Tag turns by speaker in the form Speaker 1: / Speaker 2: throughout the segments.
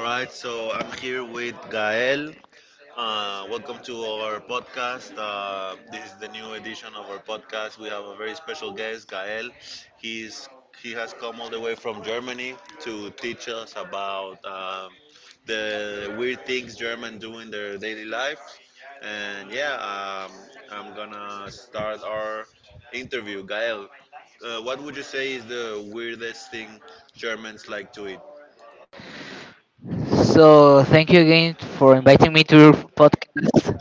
Speaker 1: All right, so I'm here with Gael. Welcome to our podcast. This is the new edition of our podcast. We have a very special guest, Gael. He's he has come all the way from Germany to teach us about the weird things Germans do in their daily life. And yeah, I'm gonna start our interview. Gael, what would you say is the weirdest thing Germans like to eat?
Speaker 2: So thank you again for inviting me to your podcast.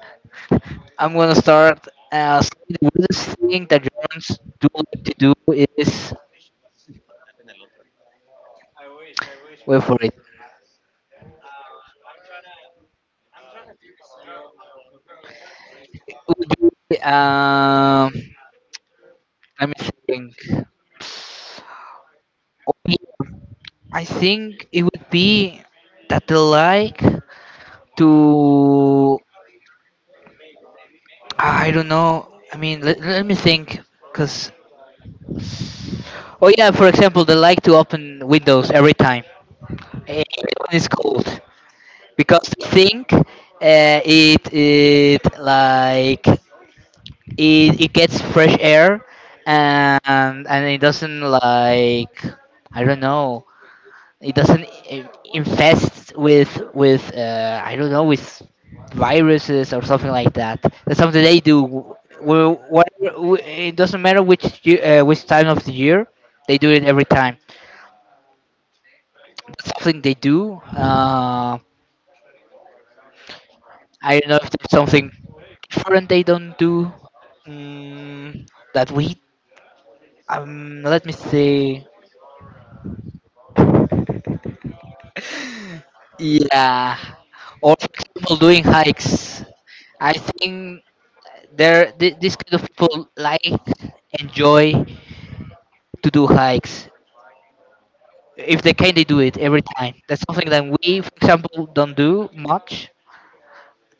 Speaker 2: I'm gonna start as the weirdest thing that Germans do like to do is wait for it. It would be let me think. I think it would be that they like to I don't know. Let me think, cause oh yeah, for example, they like to open windows every time. Eh, it's cold because I think it like it gets fresh air and and it doesn't like I don't know it doesn't infest with with I don't know with viruses or something like that. That's something they do. Whatever, it doesn't matter which year, which time of the year they do it every time. That's something they do. I don't know if there's something different they don't do mm, that we. Let me see. Yeah, or for example, doing hikes. I think there this kind of people like enjoy to do hikes. If they can, they do it every time. That's something that we, for example, don't do much.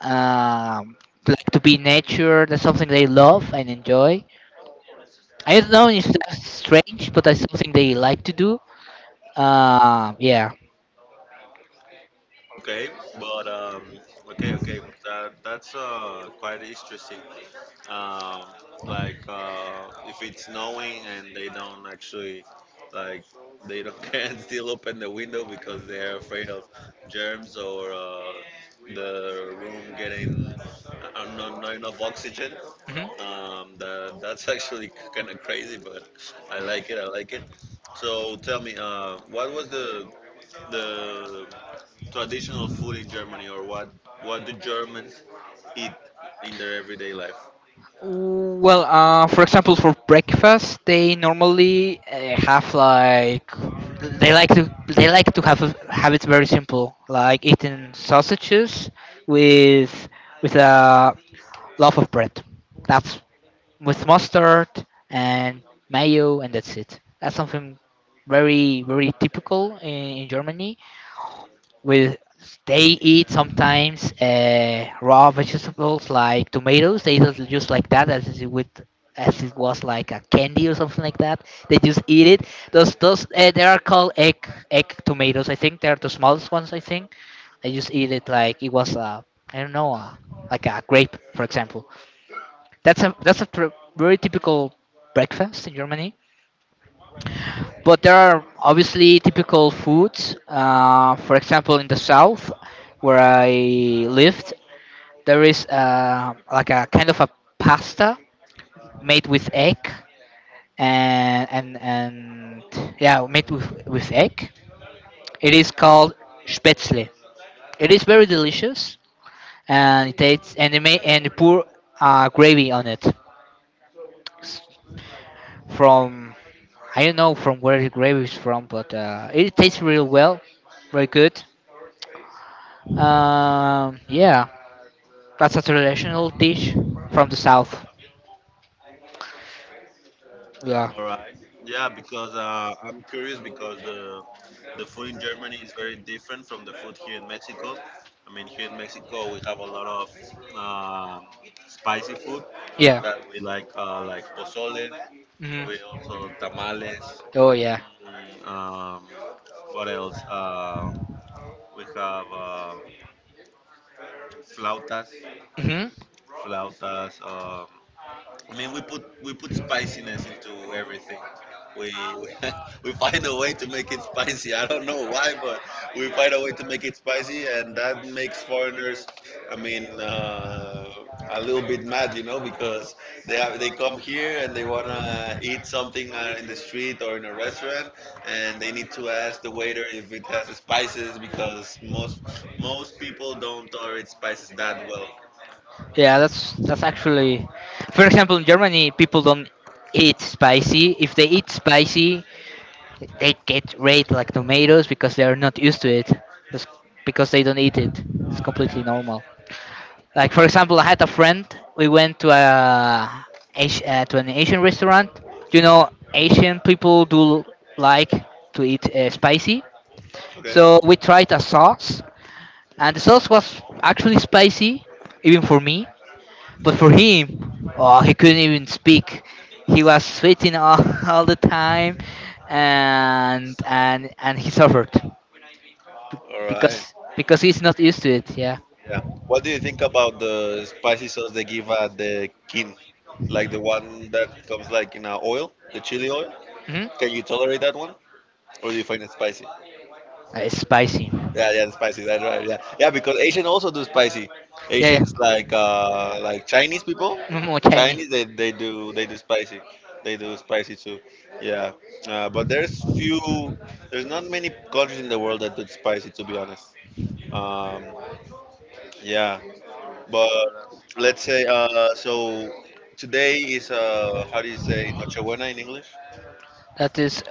Speaker 2: Um, like to be in nature. That's something they love and enjoy. I don't know if that's strange, but that's something they like to do. Yeah.
Speaker 1: Okay, but okay, that's quite interesting. Um, like if it's snowing and they don't actually like they don't can still open the window because they're afraid of germs or the room getting not enough oxygen.
Speaker 2: Mhm.
Speaker 1: That's actually kind of crazy, but I like it. I like it. So tell me, what was the traditional food in Germany, or what do Germans eat in their everyday life?
Speaker 2: Well, for example, for breakfast, they normally have like they like to they like to have it very simple, like eating sausages with with a loaf of bread. That's with mustard and mayo, and that's it. That's something very very typical in Germany with they eat sometimes raw vegetables like tomatoes. They just like that as is with as it was like a candy or something like that. They just eat it. Those they are called egg tomatoes. I think they are the smallest ones. I think they just eat it like it was a I don't know a, like a grape for example. That's a very typical breakfast in Germany. But there are obviously typical foods. For example, in the south where I lived, there is like a kind of a pasta made with egg and yeah, made with egg. It is called spätzle. It is very delicious and it tastes and they may and they pour gravy on it S- from I don't know from where the gravy is from, but it tastes real well, very good. Yeah, that's a traditional dish from the south. Yeah.
Speaker 1: All right. Yeah, because I'm curious because the food in Germany is very different from the food here in Mexico. I mean, here in Mexico we have a lot of um spicy food
Speaker 2: Yeah.
Speaker 1: that we like pozole,
Speaker 2: Mhm.
Speaker 1: we also tamales.
Speaker 2: Oh yeah.
Speaker 1: mm, Um, what else? We have flautas,
Speaker 2: Hmm.
Speaker 1: flautas. I mean, we put spiciness into everything. We we find a way to make it spicy. I don't know why, but we find a way to make it spicy, and that makes foreigners, I mean, a little bit mad, you know, because they come here and they wanna eat something in the street or in a restaurant, and they need to ask the waiter if it has spices because most people don't tolerate spices that well.
Speaker 2: Yeah, that's actually, for example, in Germany, people don't eat spicy. If they eat spicy, they get red like tomatoes because they are not used to it, just because they don't eat it. It's completely normal. Like for example, I had a friend. We went to a to an Asian restaurant. You know, Asian people do like to eat spicy.
Speaker 1: Okay.
Speaker 2: So we tried a sauce, and the sauce was actually spicy, even for me. But for him, oh, he couldn't even speak. He was sweating all, all the time, and he suffered
Speaker 1: All right.
Speaker 2: because he's not used to it. Yeah,
Speaker 1: Yeah. What do you think about the spicy sauce they give at the kin? Like the one that comes like in a oil, the chili oil?
Speaker 2: hmm,
Speaker 1: Can you tolerate that one? Or do you find it spicy?
Speaker 2: it's spicy.
Speaker 1: Yeah, yeah, the spicy, that's right. Yeah. Yeah, because Asian also do spicy.
Speaker 2: Yeah,
Speaker 1: Asians
Speaker 2: yeah,
Speaker 1: like Chinese people.
Speaker 2: more Chinese.
Speaker 1: Chinese they do spicy. They do spicy too. Yeah. But there's not many countries in the world that do spicy to be honest. Um, yeah. But let's say so today is how do you say Nochebuena in English?
Speaker 2: That is,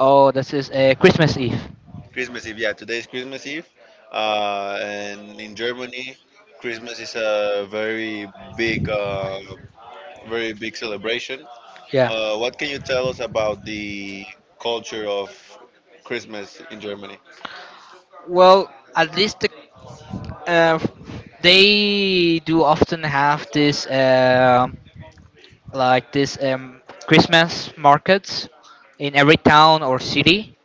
Speaker 2: oh, that is Christmas Eve.
Speaker 1: Christmas Eve. Yeah, today is Christmas Eve, and in Germany, Christmas is a very big, uh, very big celebration.
Speaker 2: Yeah.
Speaker 1: What can you tell us about the culture of Christmas in Germany?
Speaker 2: Well, at least the, uh, they do often have this like this Christmas markets in every town or city,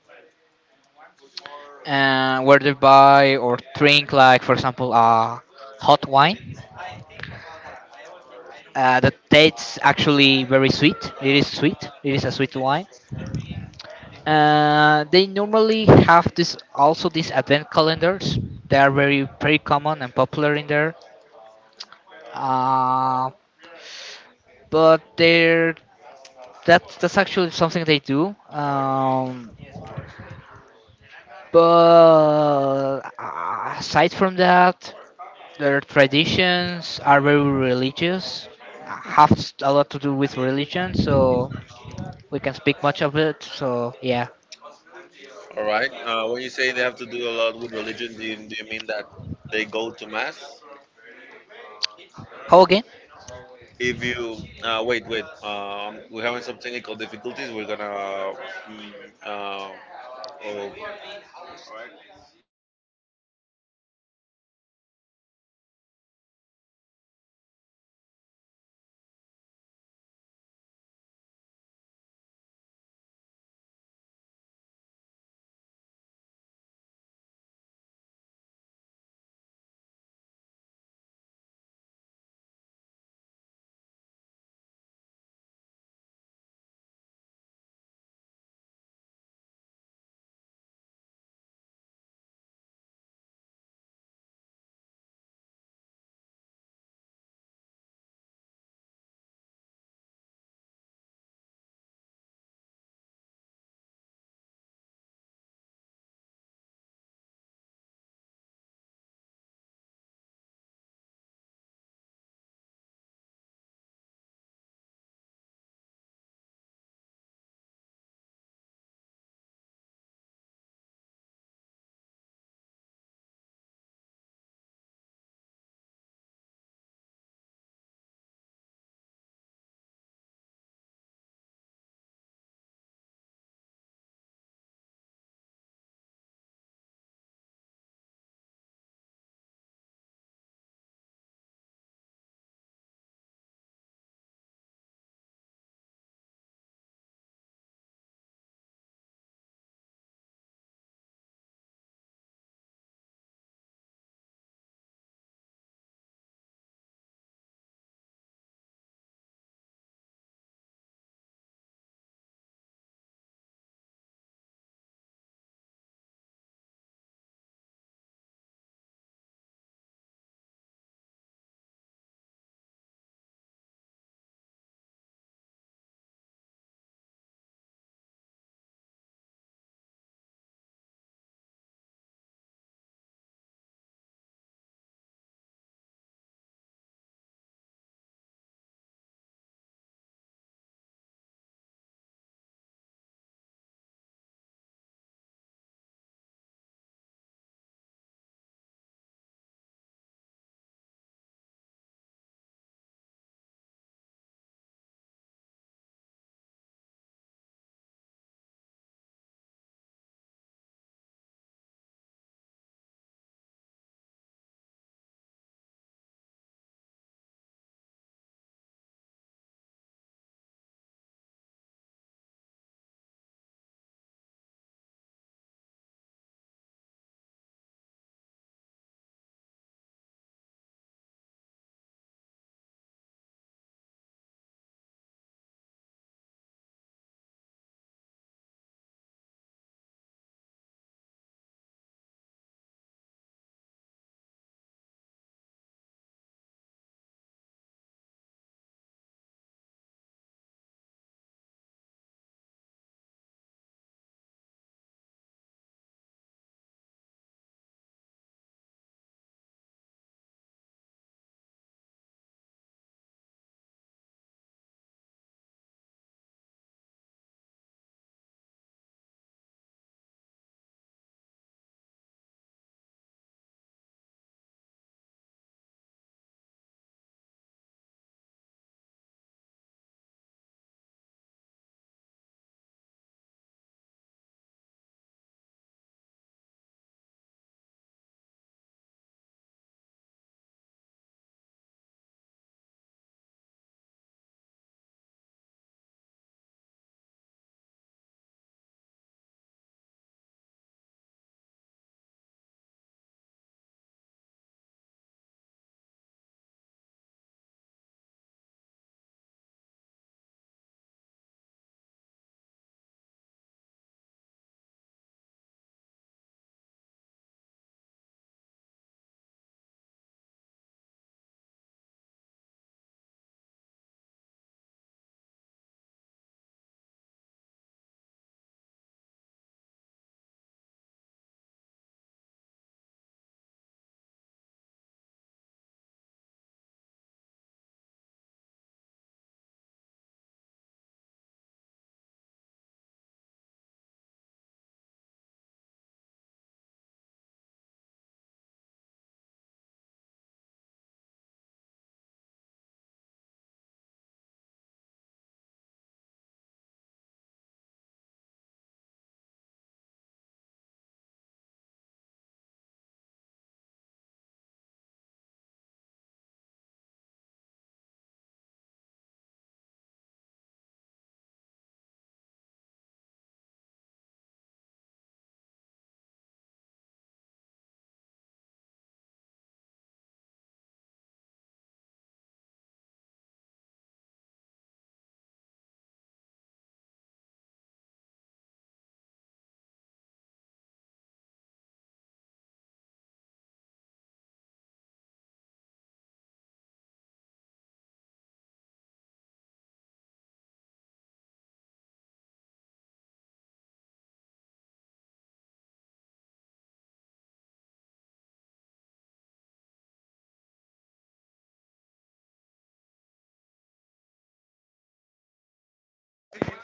Speaker 2: where they buy or drink like for example hot wine. That tastes actually very sweet. It is sweet. It is a sweet wine. They normally have this also these advent calendars. They are very very common and popular in there. Um but they're that's actually something they do. But aside from that, their traditions are very religious. Have a lot to do with religion, so we can speak much of it. So yeah,
Speaker 1: All right. When you say they have to do a lot with religion, do you mean that they go to mass?
Speaker 2: how again?
Speaker 1: If you wait, we're having some technical difficulties. We're gonna. Mm, uh, oh.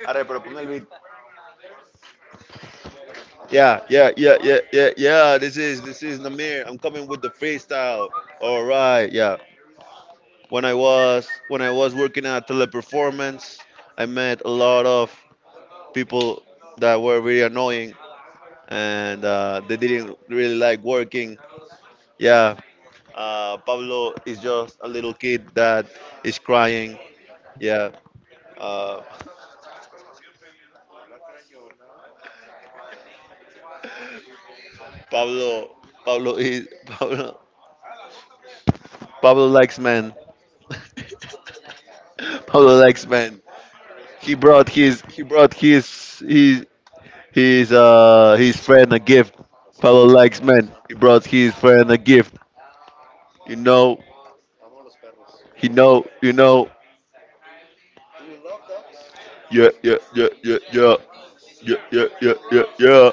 Speaker 1: Arre, pero ponme el beat. Yeah, yeah, yeah, yeah, yeah, yeah. This is Namir. I'm coming with the freestyle. All right, yeah. When I was working at Teleperformance, I met a lot of people that were really annoying and they didn't really like working. Yeah, Pablo is just a little kid that is crying. Yeah, Uh, Pablo, Pablo is Pablo. Pablo likes men. Pablo likes men. He brought his his friend a gift. Pablo likes men. He brought his friend a gift. You know, he know, you know. Yeah, yeah, yeah, yeah, yeah, yeah, yeah, yeah, yeah, yeah.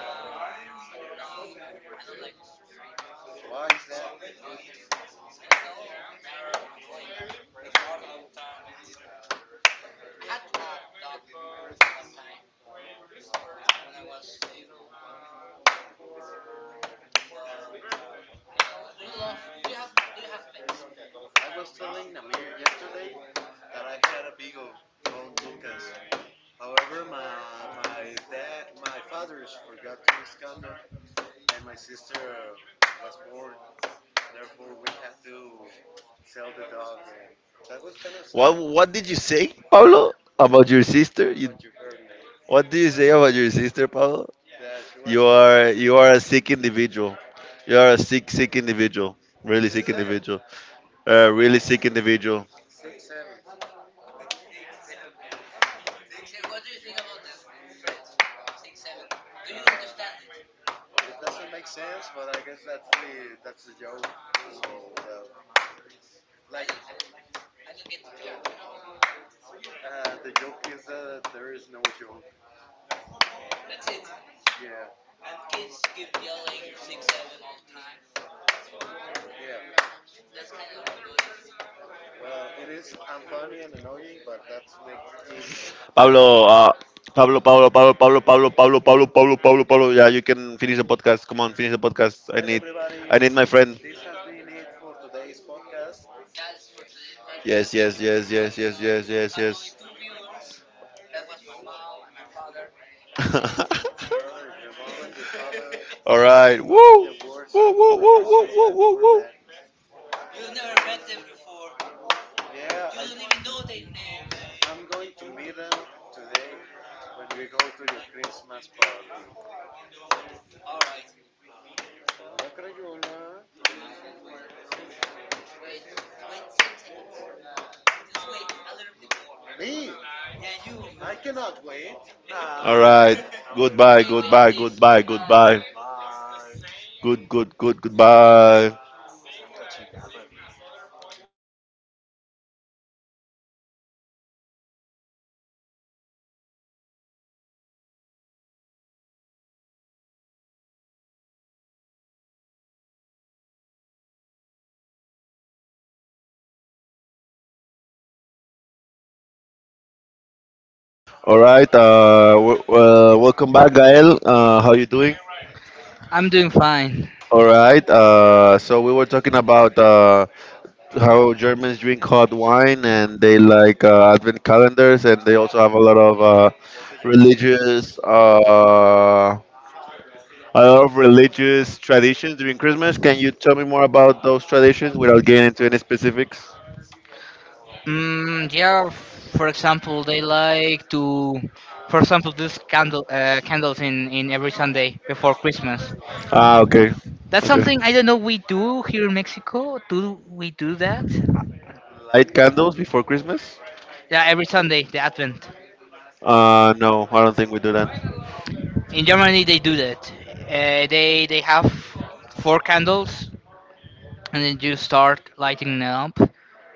Speaker 1: What did you say, Pablo, about your sister? You, what do you say about your sister, Pablo? You are a sick individual. You are a sick individual. Really sick individual. A really sick individual. Pablo, uh, Pablo, Pablo, Pablo, Pablo, Pablo, Pablo, Pablo, Pablo, Pablo, Pablo. Yeah, you can finish the podcast. Come on, finish the podcast. I need my friend. Yes, yes, yes, yes, yes, yes, yes, yes. All right. Woo! Woo, woo, woo, woo, woo, woo, woo. All right. Goodbye, goodbye, goodbye, goodbye. Goodbye. All right. Welcome back, Gael. How you doing?
Speaker 2: I'm doing fine.
Speaker 1: All right. So we were talking about how Germans drink hot wine and they like advent calendars and they also have a lot of religious a lot of religious traditions during Christmas. Can you tell me more about those traditions without getting into any specifics?
Speaker 2: Mm, yeah, for example, they like to, for example, do candle candles in every Sunday before Christmas.
Speaker 1: Ah, okay.
Speaker 2: That's
Speaker 1: Okay.
Speaker 2: something I don't know we do here in Mexico. Do we do that?
Speaker 1: Light candles before Christmas?
Speaker 2: Yeah, every Sunday the Advent.
Speaker 1: No, I don't think we do that.
Speaker 2: In Germany they do that. They have four candles and then you start lighting them up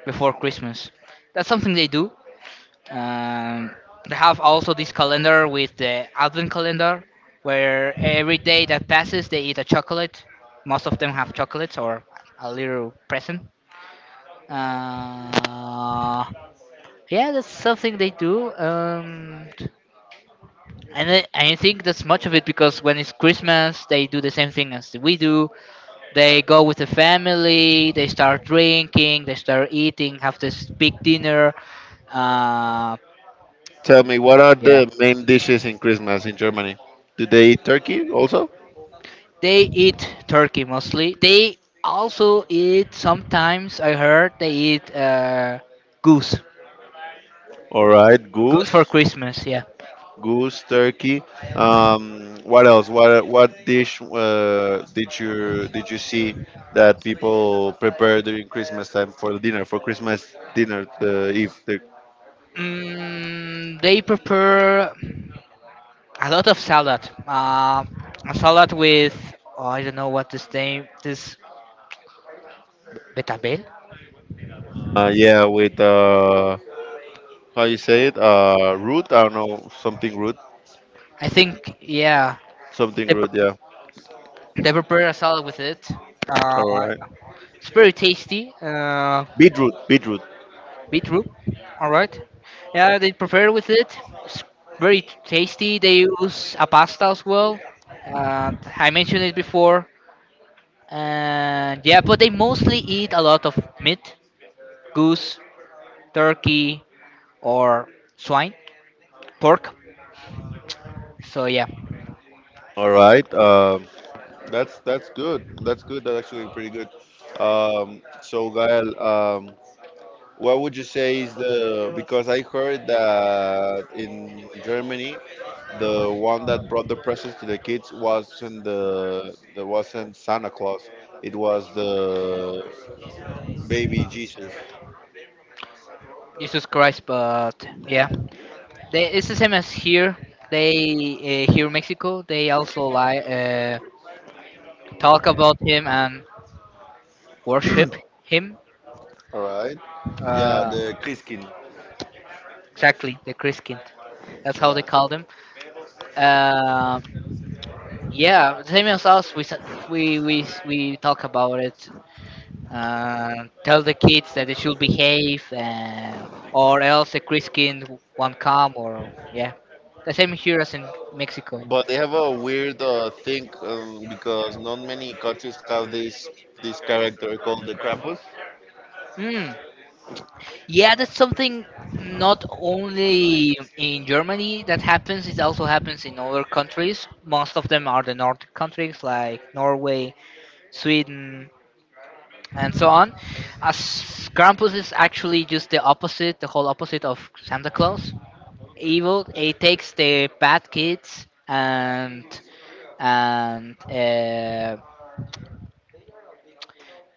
Speaker 2: before Christmas. That's something they do. Um, they have also this calendar with the Advent calendar, where every day that passes they eat a chocolate. Most of them have chocolates or a little present. Uh, Yeah, that's something they do. And I think that's much of it because when it's Christmas, they do the same thing as we do. They go with the family, they start drinking, they start eating, have this big dinner. Uh,
Speaker 1: Tell me, what are
Speaker 2: yeah,
Speaker 1: the main dishes in Christmas in Germany? Do they eat turkey also?
Speaker 2: they eat turkey mostly. They also eat sometimes, I heard, they eat goose.
Speaker 1: All right,
Speaker 2: Goose for
Speaker 1: goose,
Speaker 2: Christmas, yeah.
Speaker 1: goose, turkey. What else? What dish did you see that people prepare during Christmas time for dinner for Christmas dinner the eve?
Speaker 2: They prepare a lot of salad. Um, a salad with oh, I don't know what this name this betabel.
Speaker 1: Yeah, with how you say it? Root? I don't know, something
Speaker 2: I think yeah,
Speaker 1: something root. Yeah.
Speaker 2: they prepare a salad with it. Uh,
Speaker 1: All right.
Speaker 2: it's very tasty.
Speaker 1: Beetroot, beetroot.
Speaker 2: Beetroot. All right. Yeah, they prepare with it. It's very tasty. They use a pasta as well. And I mentioned it before. And yeah, but they mostly eat a lot of meat, goose, turkey, or swine, pork. So yeah,
Speaker 1: All right. That's good. That's good. That's actually pretty good. So, Gael, what would you say is the because I heard that in Germany, the one that brought the presents to the kids wasn't the that wasn't Santa Claus. It was the baby Jesus.
Speaker 2: Jesus Christ. But yeah, they, it's the same as here. They here in Mexico, they also lie, talk about him and worship him.
Speaker 1: All right. Yeah,
Speaker 2: Uh,
Speaker 1: the Christkind.
Speaker 2: exactly, the Christkind. That's how they
Speaker 1: Yeah.
Speaker 2: call them. Uh, yeah, the same as us. We talk about it. Tell the kids that they should behave, or else the Christkind won't come. Or yeah, the same here as in Mexico.
Speaker 1: But they have a weird thing because not many countries have this character called the Krampus.
Speaker 2: Hmm. Yeah, that's something not only in Germany that happens, it also happens in other countries. Most of them are the Nordic countries like Norway, Sweden, and so on. As Krampus is actually just the opposite, the whole opposite of Santa Claus. Evil, it takes the bad kids and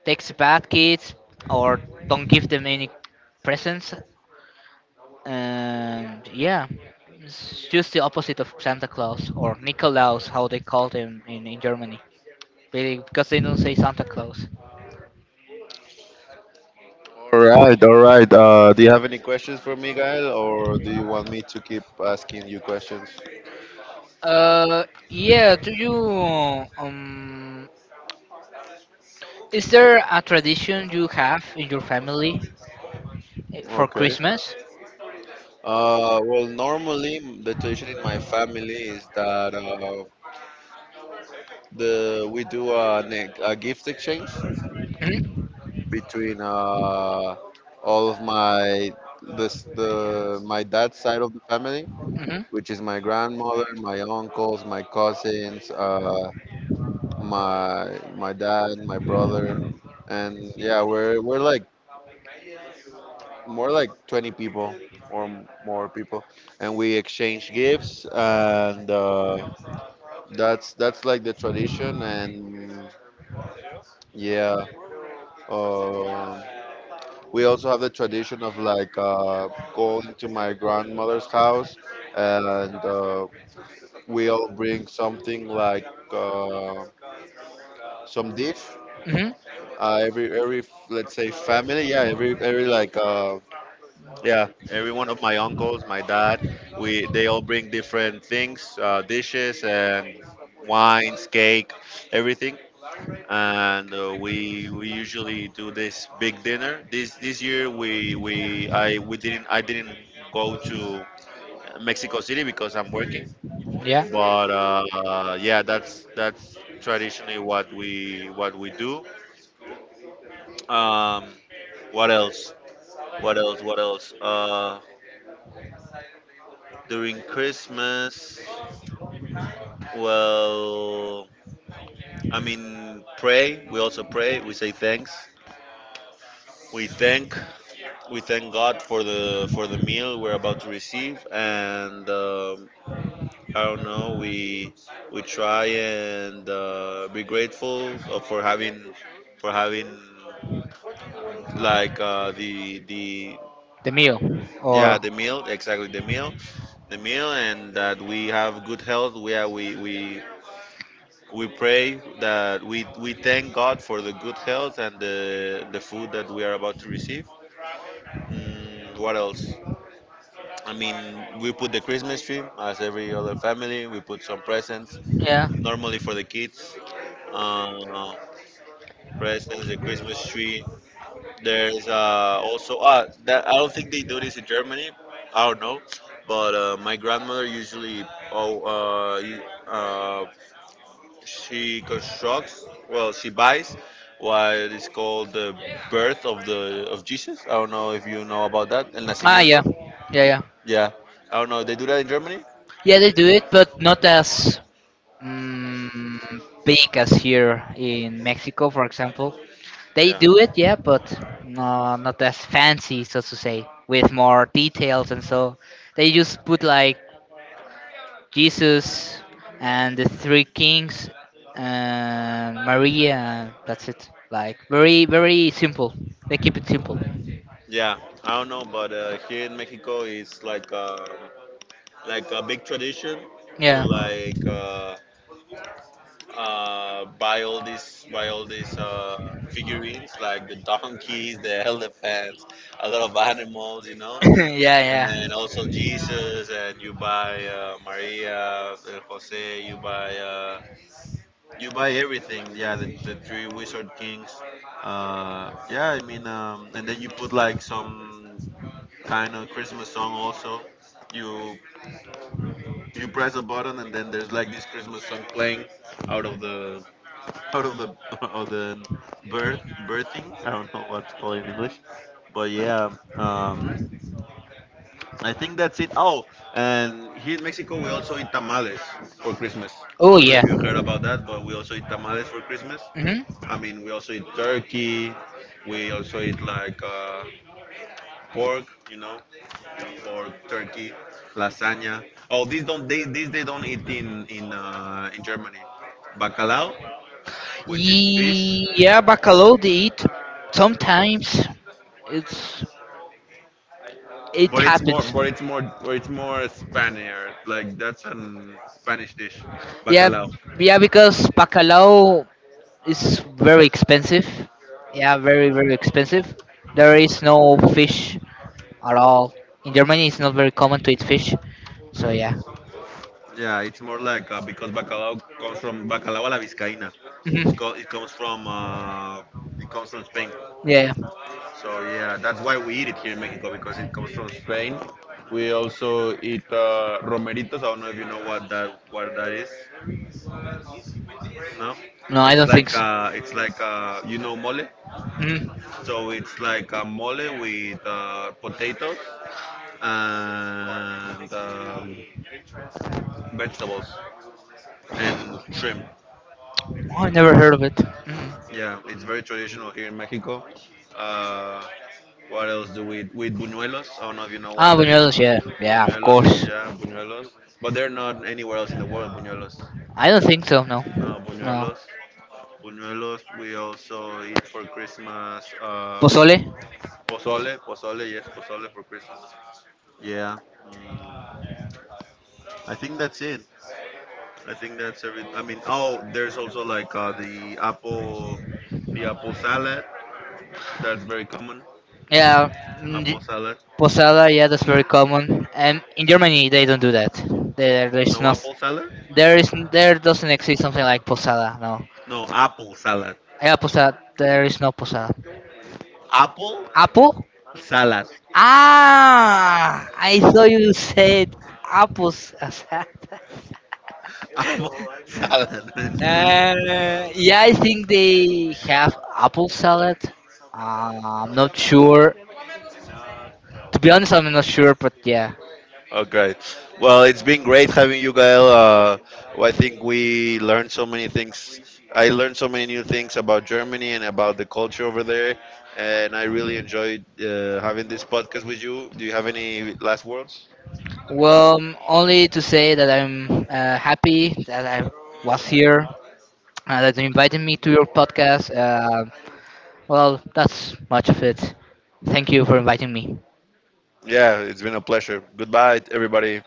Speaker 2: takes the bad kids or don't give them any presents and yeah, it's just the opposite of Santa Claus or Nikolaus, how they called him in Germany, really, because they don't say Santa Claus.
Speaker 1: All right, all right. Do you have any questions for me, Gael, or do you want me to keep asking you questions?
Speaker 2: Uh, yeah. Do you um? Is there a tradition you have in your family for
Speaker 1: Okay.
Speaker 2: Christmas?
Speaker 1: Well, normally the tradition in my family is that the we do a, a gift exchange between all of my dad's side of the family,
Speaker 2: Hmm.
Speaker 1: which is my grandmother, my uncles, my cousins, my dad, my brother, and yeah, we're like more like 20 people or more people, and we exchange gifts, and that's like the tradition, and yeah. Uh, we also have the tradition of like going to my grandmother's house and we all bring something like Uh, some dish.
Speaker 2: Hmm.
Speaker 1: Every let's say
Speaker 2: Hmm.
Speaker 1: family, yeah, every like yeah, every one of my uncles, my dad, we they all bring different things, dishes and wines, cake, everything, and we usually do this big dinner. This year we I we didn't I didn't go to Mexico City because I'm working,
Speaker 2: Yeah,
Speaker 1: but yeah, that's traditionally what we do. Um, what else? What else? During Christmas, well, I mean, pray. We also pray. We say thanks. We thank. We thank God for the meal we're about to receive, and I don't know. We try and be grateful for having for having like the
Speaker 2: the meal
Speaker 1: yeah
Speaker 2: or
Speaker 1: the meal exactly the meal and that we have good health we pray that we thank God for the good health and the food that we are about to receive. What else? I mean, we put the Christmas tree as every other family. We put some presents
Speaker 2: yeah.
Speaker 1: normally for the kids, uh, presents the Christmas tree. There's also that I don't think they do this in Germany. I don't know, but my grandmother usually oh uh, you- uh, she constructs well she buys what is called the birth of the of Jesus. I don't know if you know about that. El
Speaker 2: Ah, yeah.
Speaker 1: nacimiento.
Speaker 2: Yeah, yeah.
Speaker 1: Yeah, I don't know. They do that in Germany.
Speaker 2: Yeah, they do it, but not as mm, big as here in Mexico, for example. They
Speaker 1: Yeah,
Speaker 2: do it, yeah, but no, not as fancy, so to say, with more details and so. They just put like Jesus and the three kings and Maria, and that's it. Like very, very simple. They keep it simple.
Speaker 1: yeah. I don't know, but here in Mexico it's like a big tradition to
Speaker 2: Yeah.
Speaker 1: like. Buy all these figurines like the donkeys, the elephants, a lot of animals, you know,
Speaker 2: Yeah,
Speaker 1: and also
Speaker 2: yeah.
Speaker 1: Jesus. And you buy Maria, and Jose. You buy everything. Yeah, the three wizard kings. Yeah, I mean, and then you put like some kind of Christmas song also. You you press a button and then there's like this Christmas song playing out of the of the birth birthing. I don't know what to call it in English, but yeah, um, I think that's it. Oh, and here in Mexico we also eat tamales for Christmas. I
Speaker 2: Oh
Speaker 1: don't know
Speaker 2: yeah.
Speaker 1: if you heard about that, but we also eat tamales for Christmas.
Speaker 2: Hmm.
Speaker 1: I mean, we also eat turkey. We also eat like pork, you know, pork, turkey, lasagna. Oh, these don't they these they don't eat in Germany. Bacalao, which is fish.
Speaker 2: Yeah, bacalhau they eat sometimes. It's it
Speaker 1: But but it's more Spaniard. Like that's an Spanish dish,
Speaker 2: yeah,
Speaker 1: bacalao.
Speaker 2: because bacalhau. It's very expensive. Yeah, very very expensive. There is no fish at all in Germany. It's not very common to eat fish. So yeah.
Speaker 1: Yeah, it's more like because bacalao comes from bacalao a la vizcaína. It's
Speaker 2: Mhm.
Speaker 1: called, it comes from Spain.
Speaker 2: Yeah.
Speaker 1: So yeah, that's why we eat it here in Mexico because it comes from Spain. We also eat romeritos. I don't know if you know what that is. No,
Speaker 2: No, I don't think so.
Speaker 1: it's like you know mole.
Speaker 2: Mhm.
Speaker 1: So it's like a mole with potatoes and vegetables and shrimp.
Speaker 2: Oh, I never heard of it. Mhm.
Speaker 1: Yeah, it's very traditional here in Mexico. Uh, what else do we with buñuelos? I don't know if you know
Speaker 2: Ah,
Speaker 1: what that is.
Speaker 2: buñuelos. Yeah, yeah, of
Speaker 1: Buñuelos,
Speaker 2: course.
Speaker 1: yeah, buñuelos. But they're not anywhere else in the world. Buñuelos,
Speaker 2: I don't think so. No,
Speaker 1: no
Speaker 2: no.
Speaker 1: buñuelos. Buñuelos. We also eat for Christmas
Speaker 2: Pozole?
Speaker 1: pozole, pozole, yes, pozole for Christmas. Yeah. Mm, I think that's it. I think that's every. I mean, oh, there's also like the apple salad. That's very common.
Speaker 2: Yeah,
Speaker 1: Apple salad.
Speaker 2: posada. Yeah, that's very common. And in Germany, they don't do that. There's
Speaker 1: No
Speaker 2: not.
Speaker 1: apple salad.
Speaker 2: There is. There doesn't exist something like posada. No.
Speaker 1: No apple salad.
Speaker 2: Yeah, posada. There is no posada.
Speaker 1: Apple
Speaker 2: Apple?
Speaker 1: salad.
Speaker 2: Ah, I thought you said apples. Apple
Speaker 1: Apple salad.
Speaker 2: salad. Yeah, I think they have apple salad. I'm not sure. To be honest, I'm not sure, but yeah.
Speaker 1: Okay. Well, it's been great having you, Gael. Well, I think we learned so many things. I learned so many new things about Germany and about the culture over there. And I really enjoyed having this podcast with you. Do you have any last words?
Speaker 2: Well, only to say that I'm happy that I was here, that you invited me to your podcast. Well, that's much of it. Thank you for inviting me.
Speaker 1: Yeah, it's been a pleasure. Goodbye, everybody.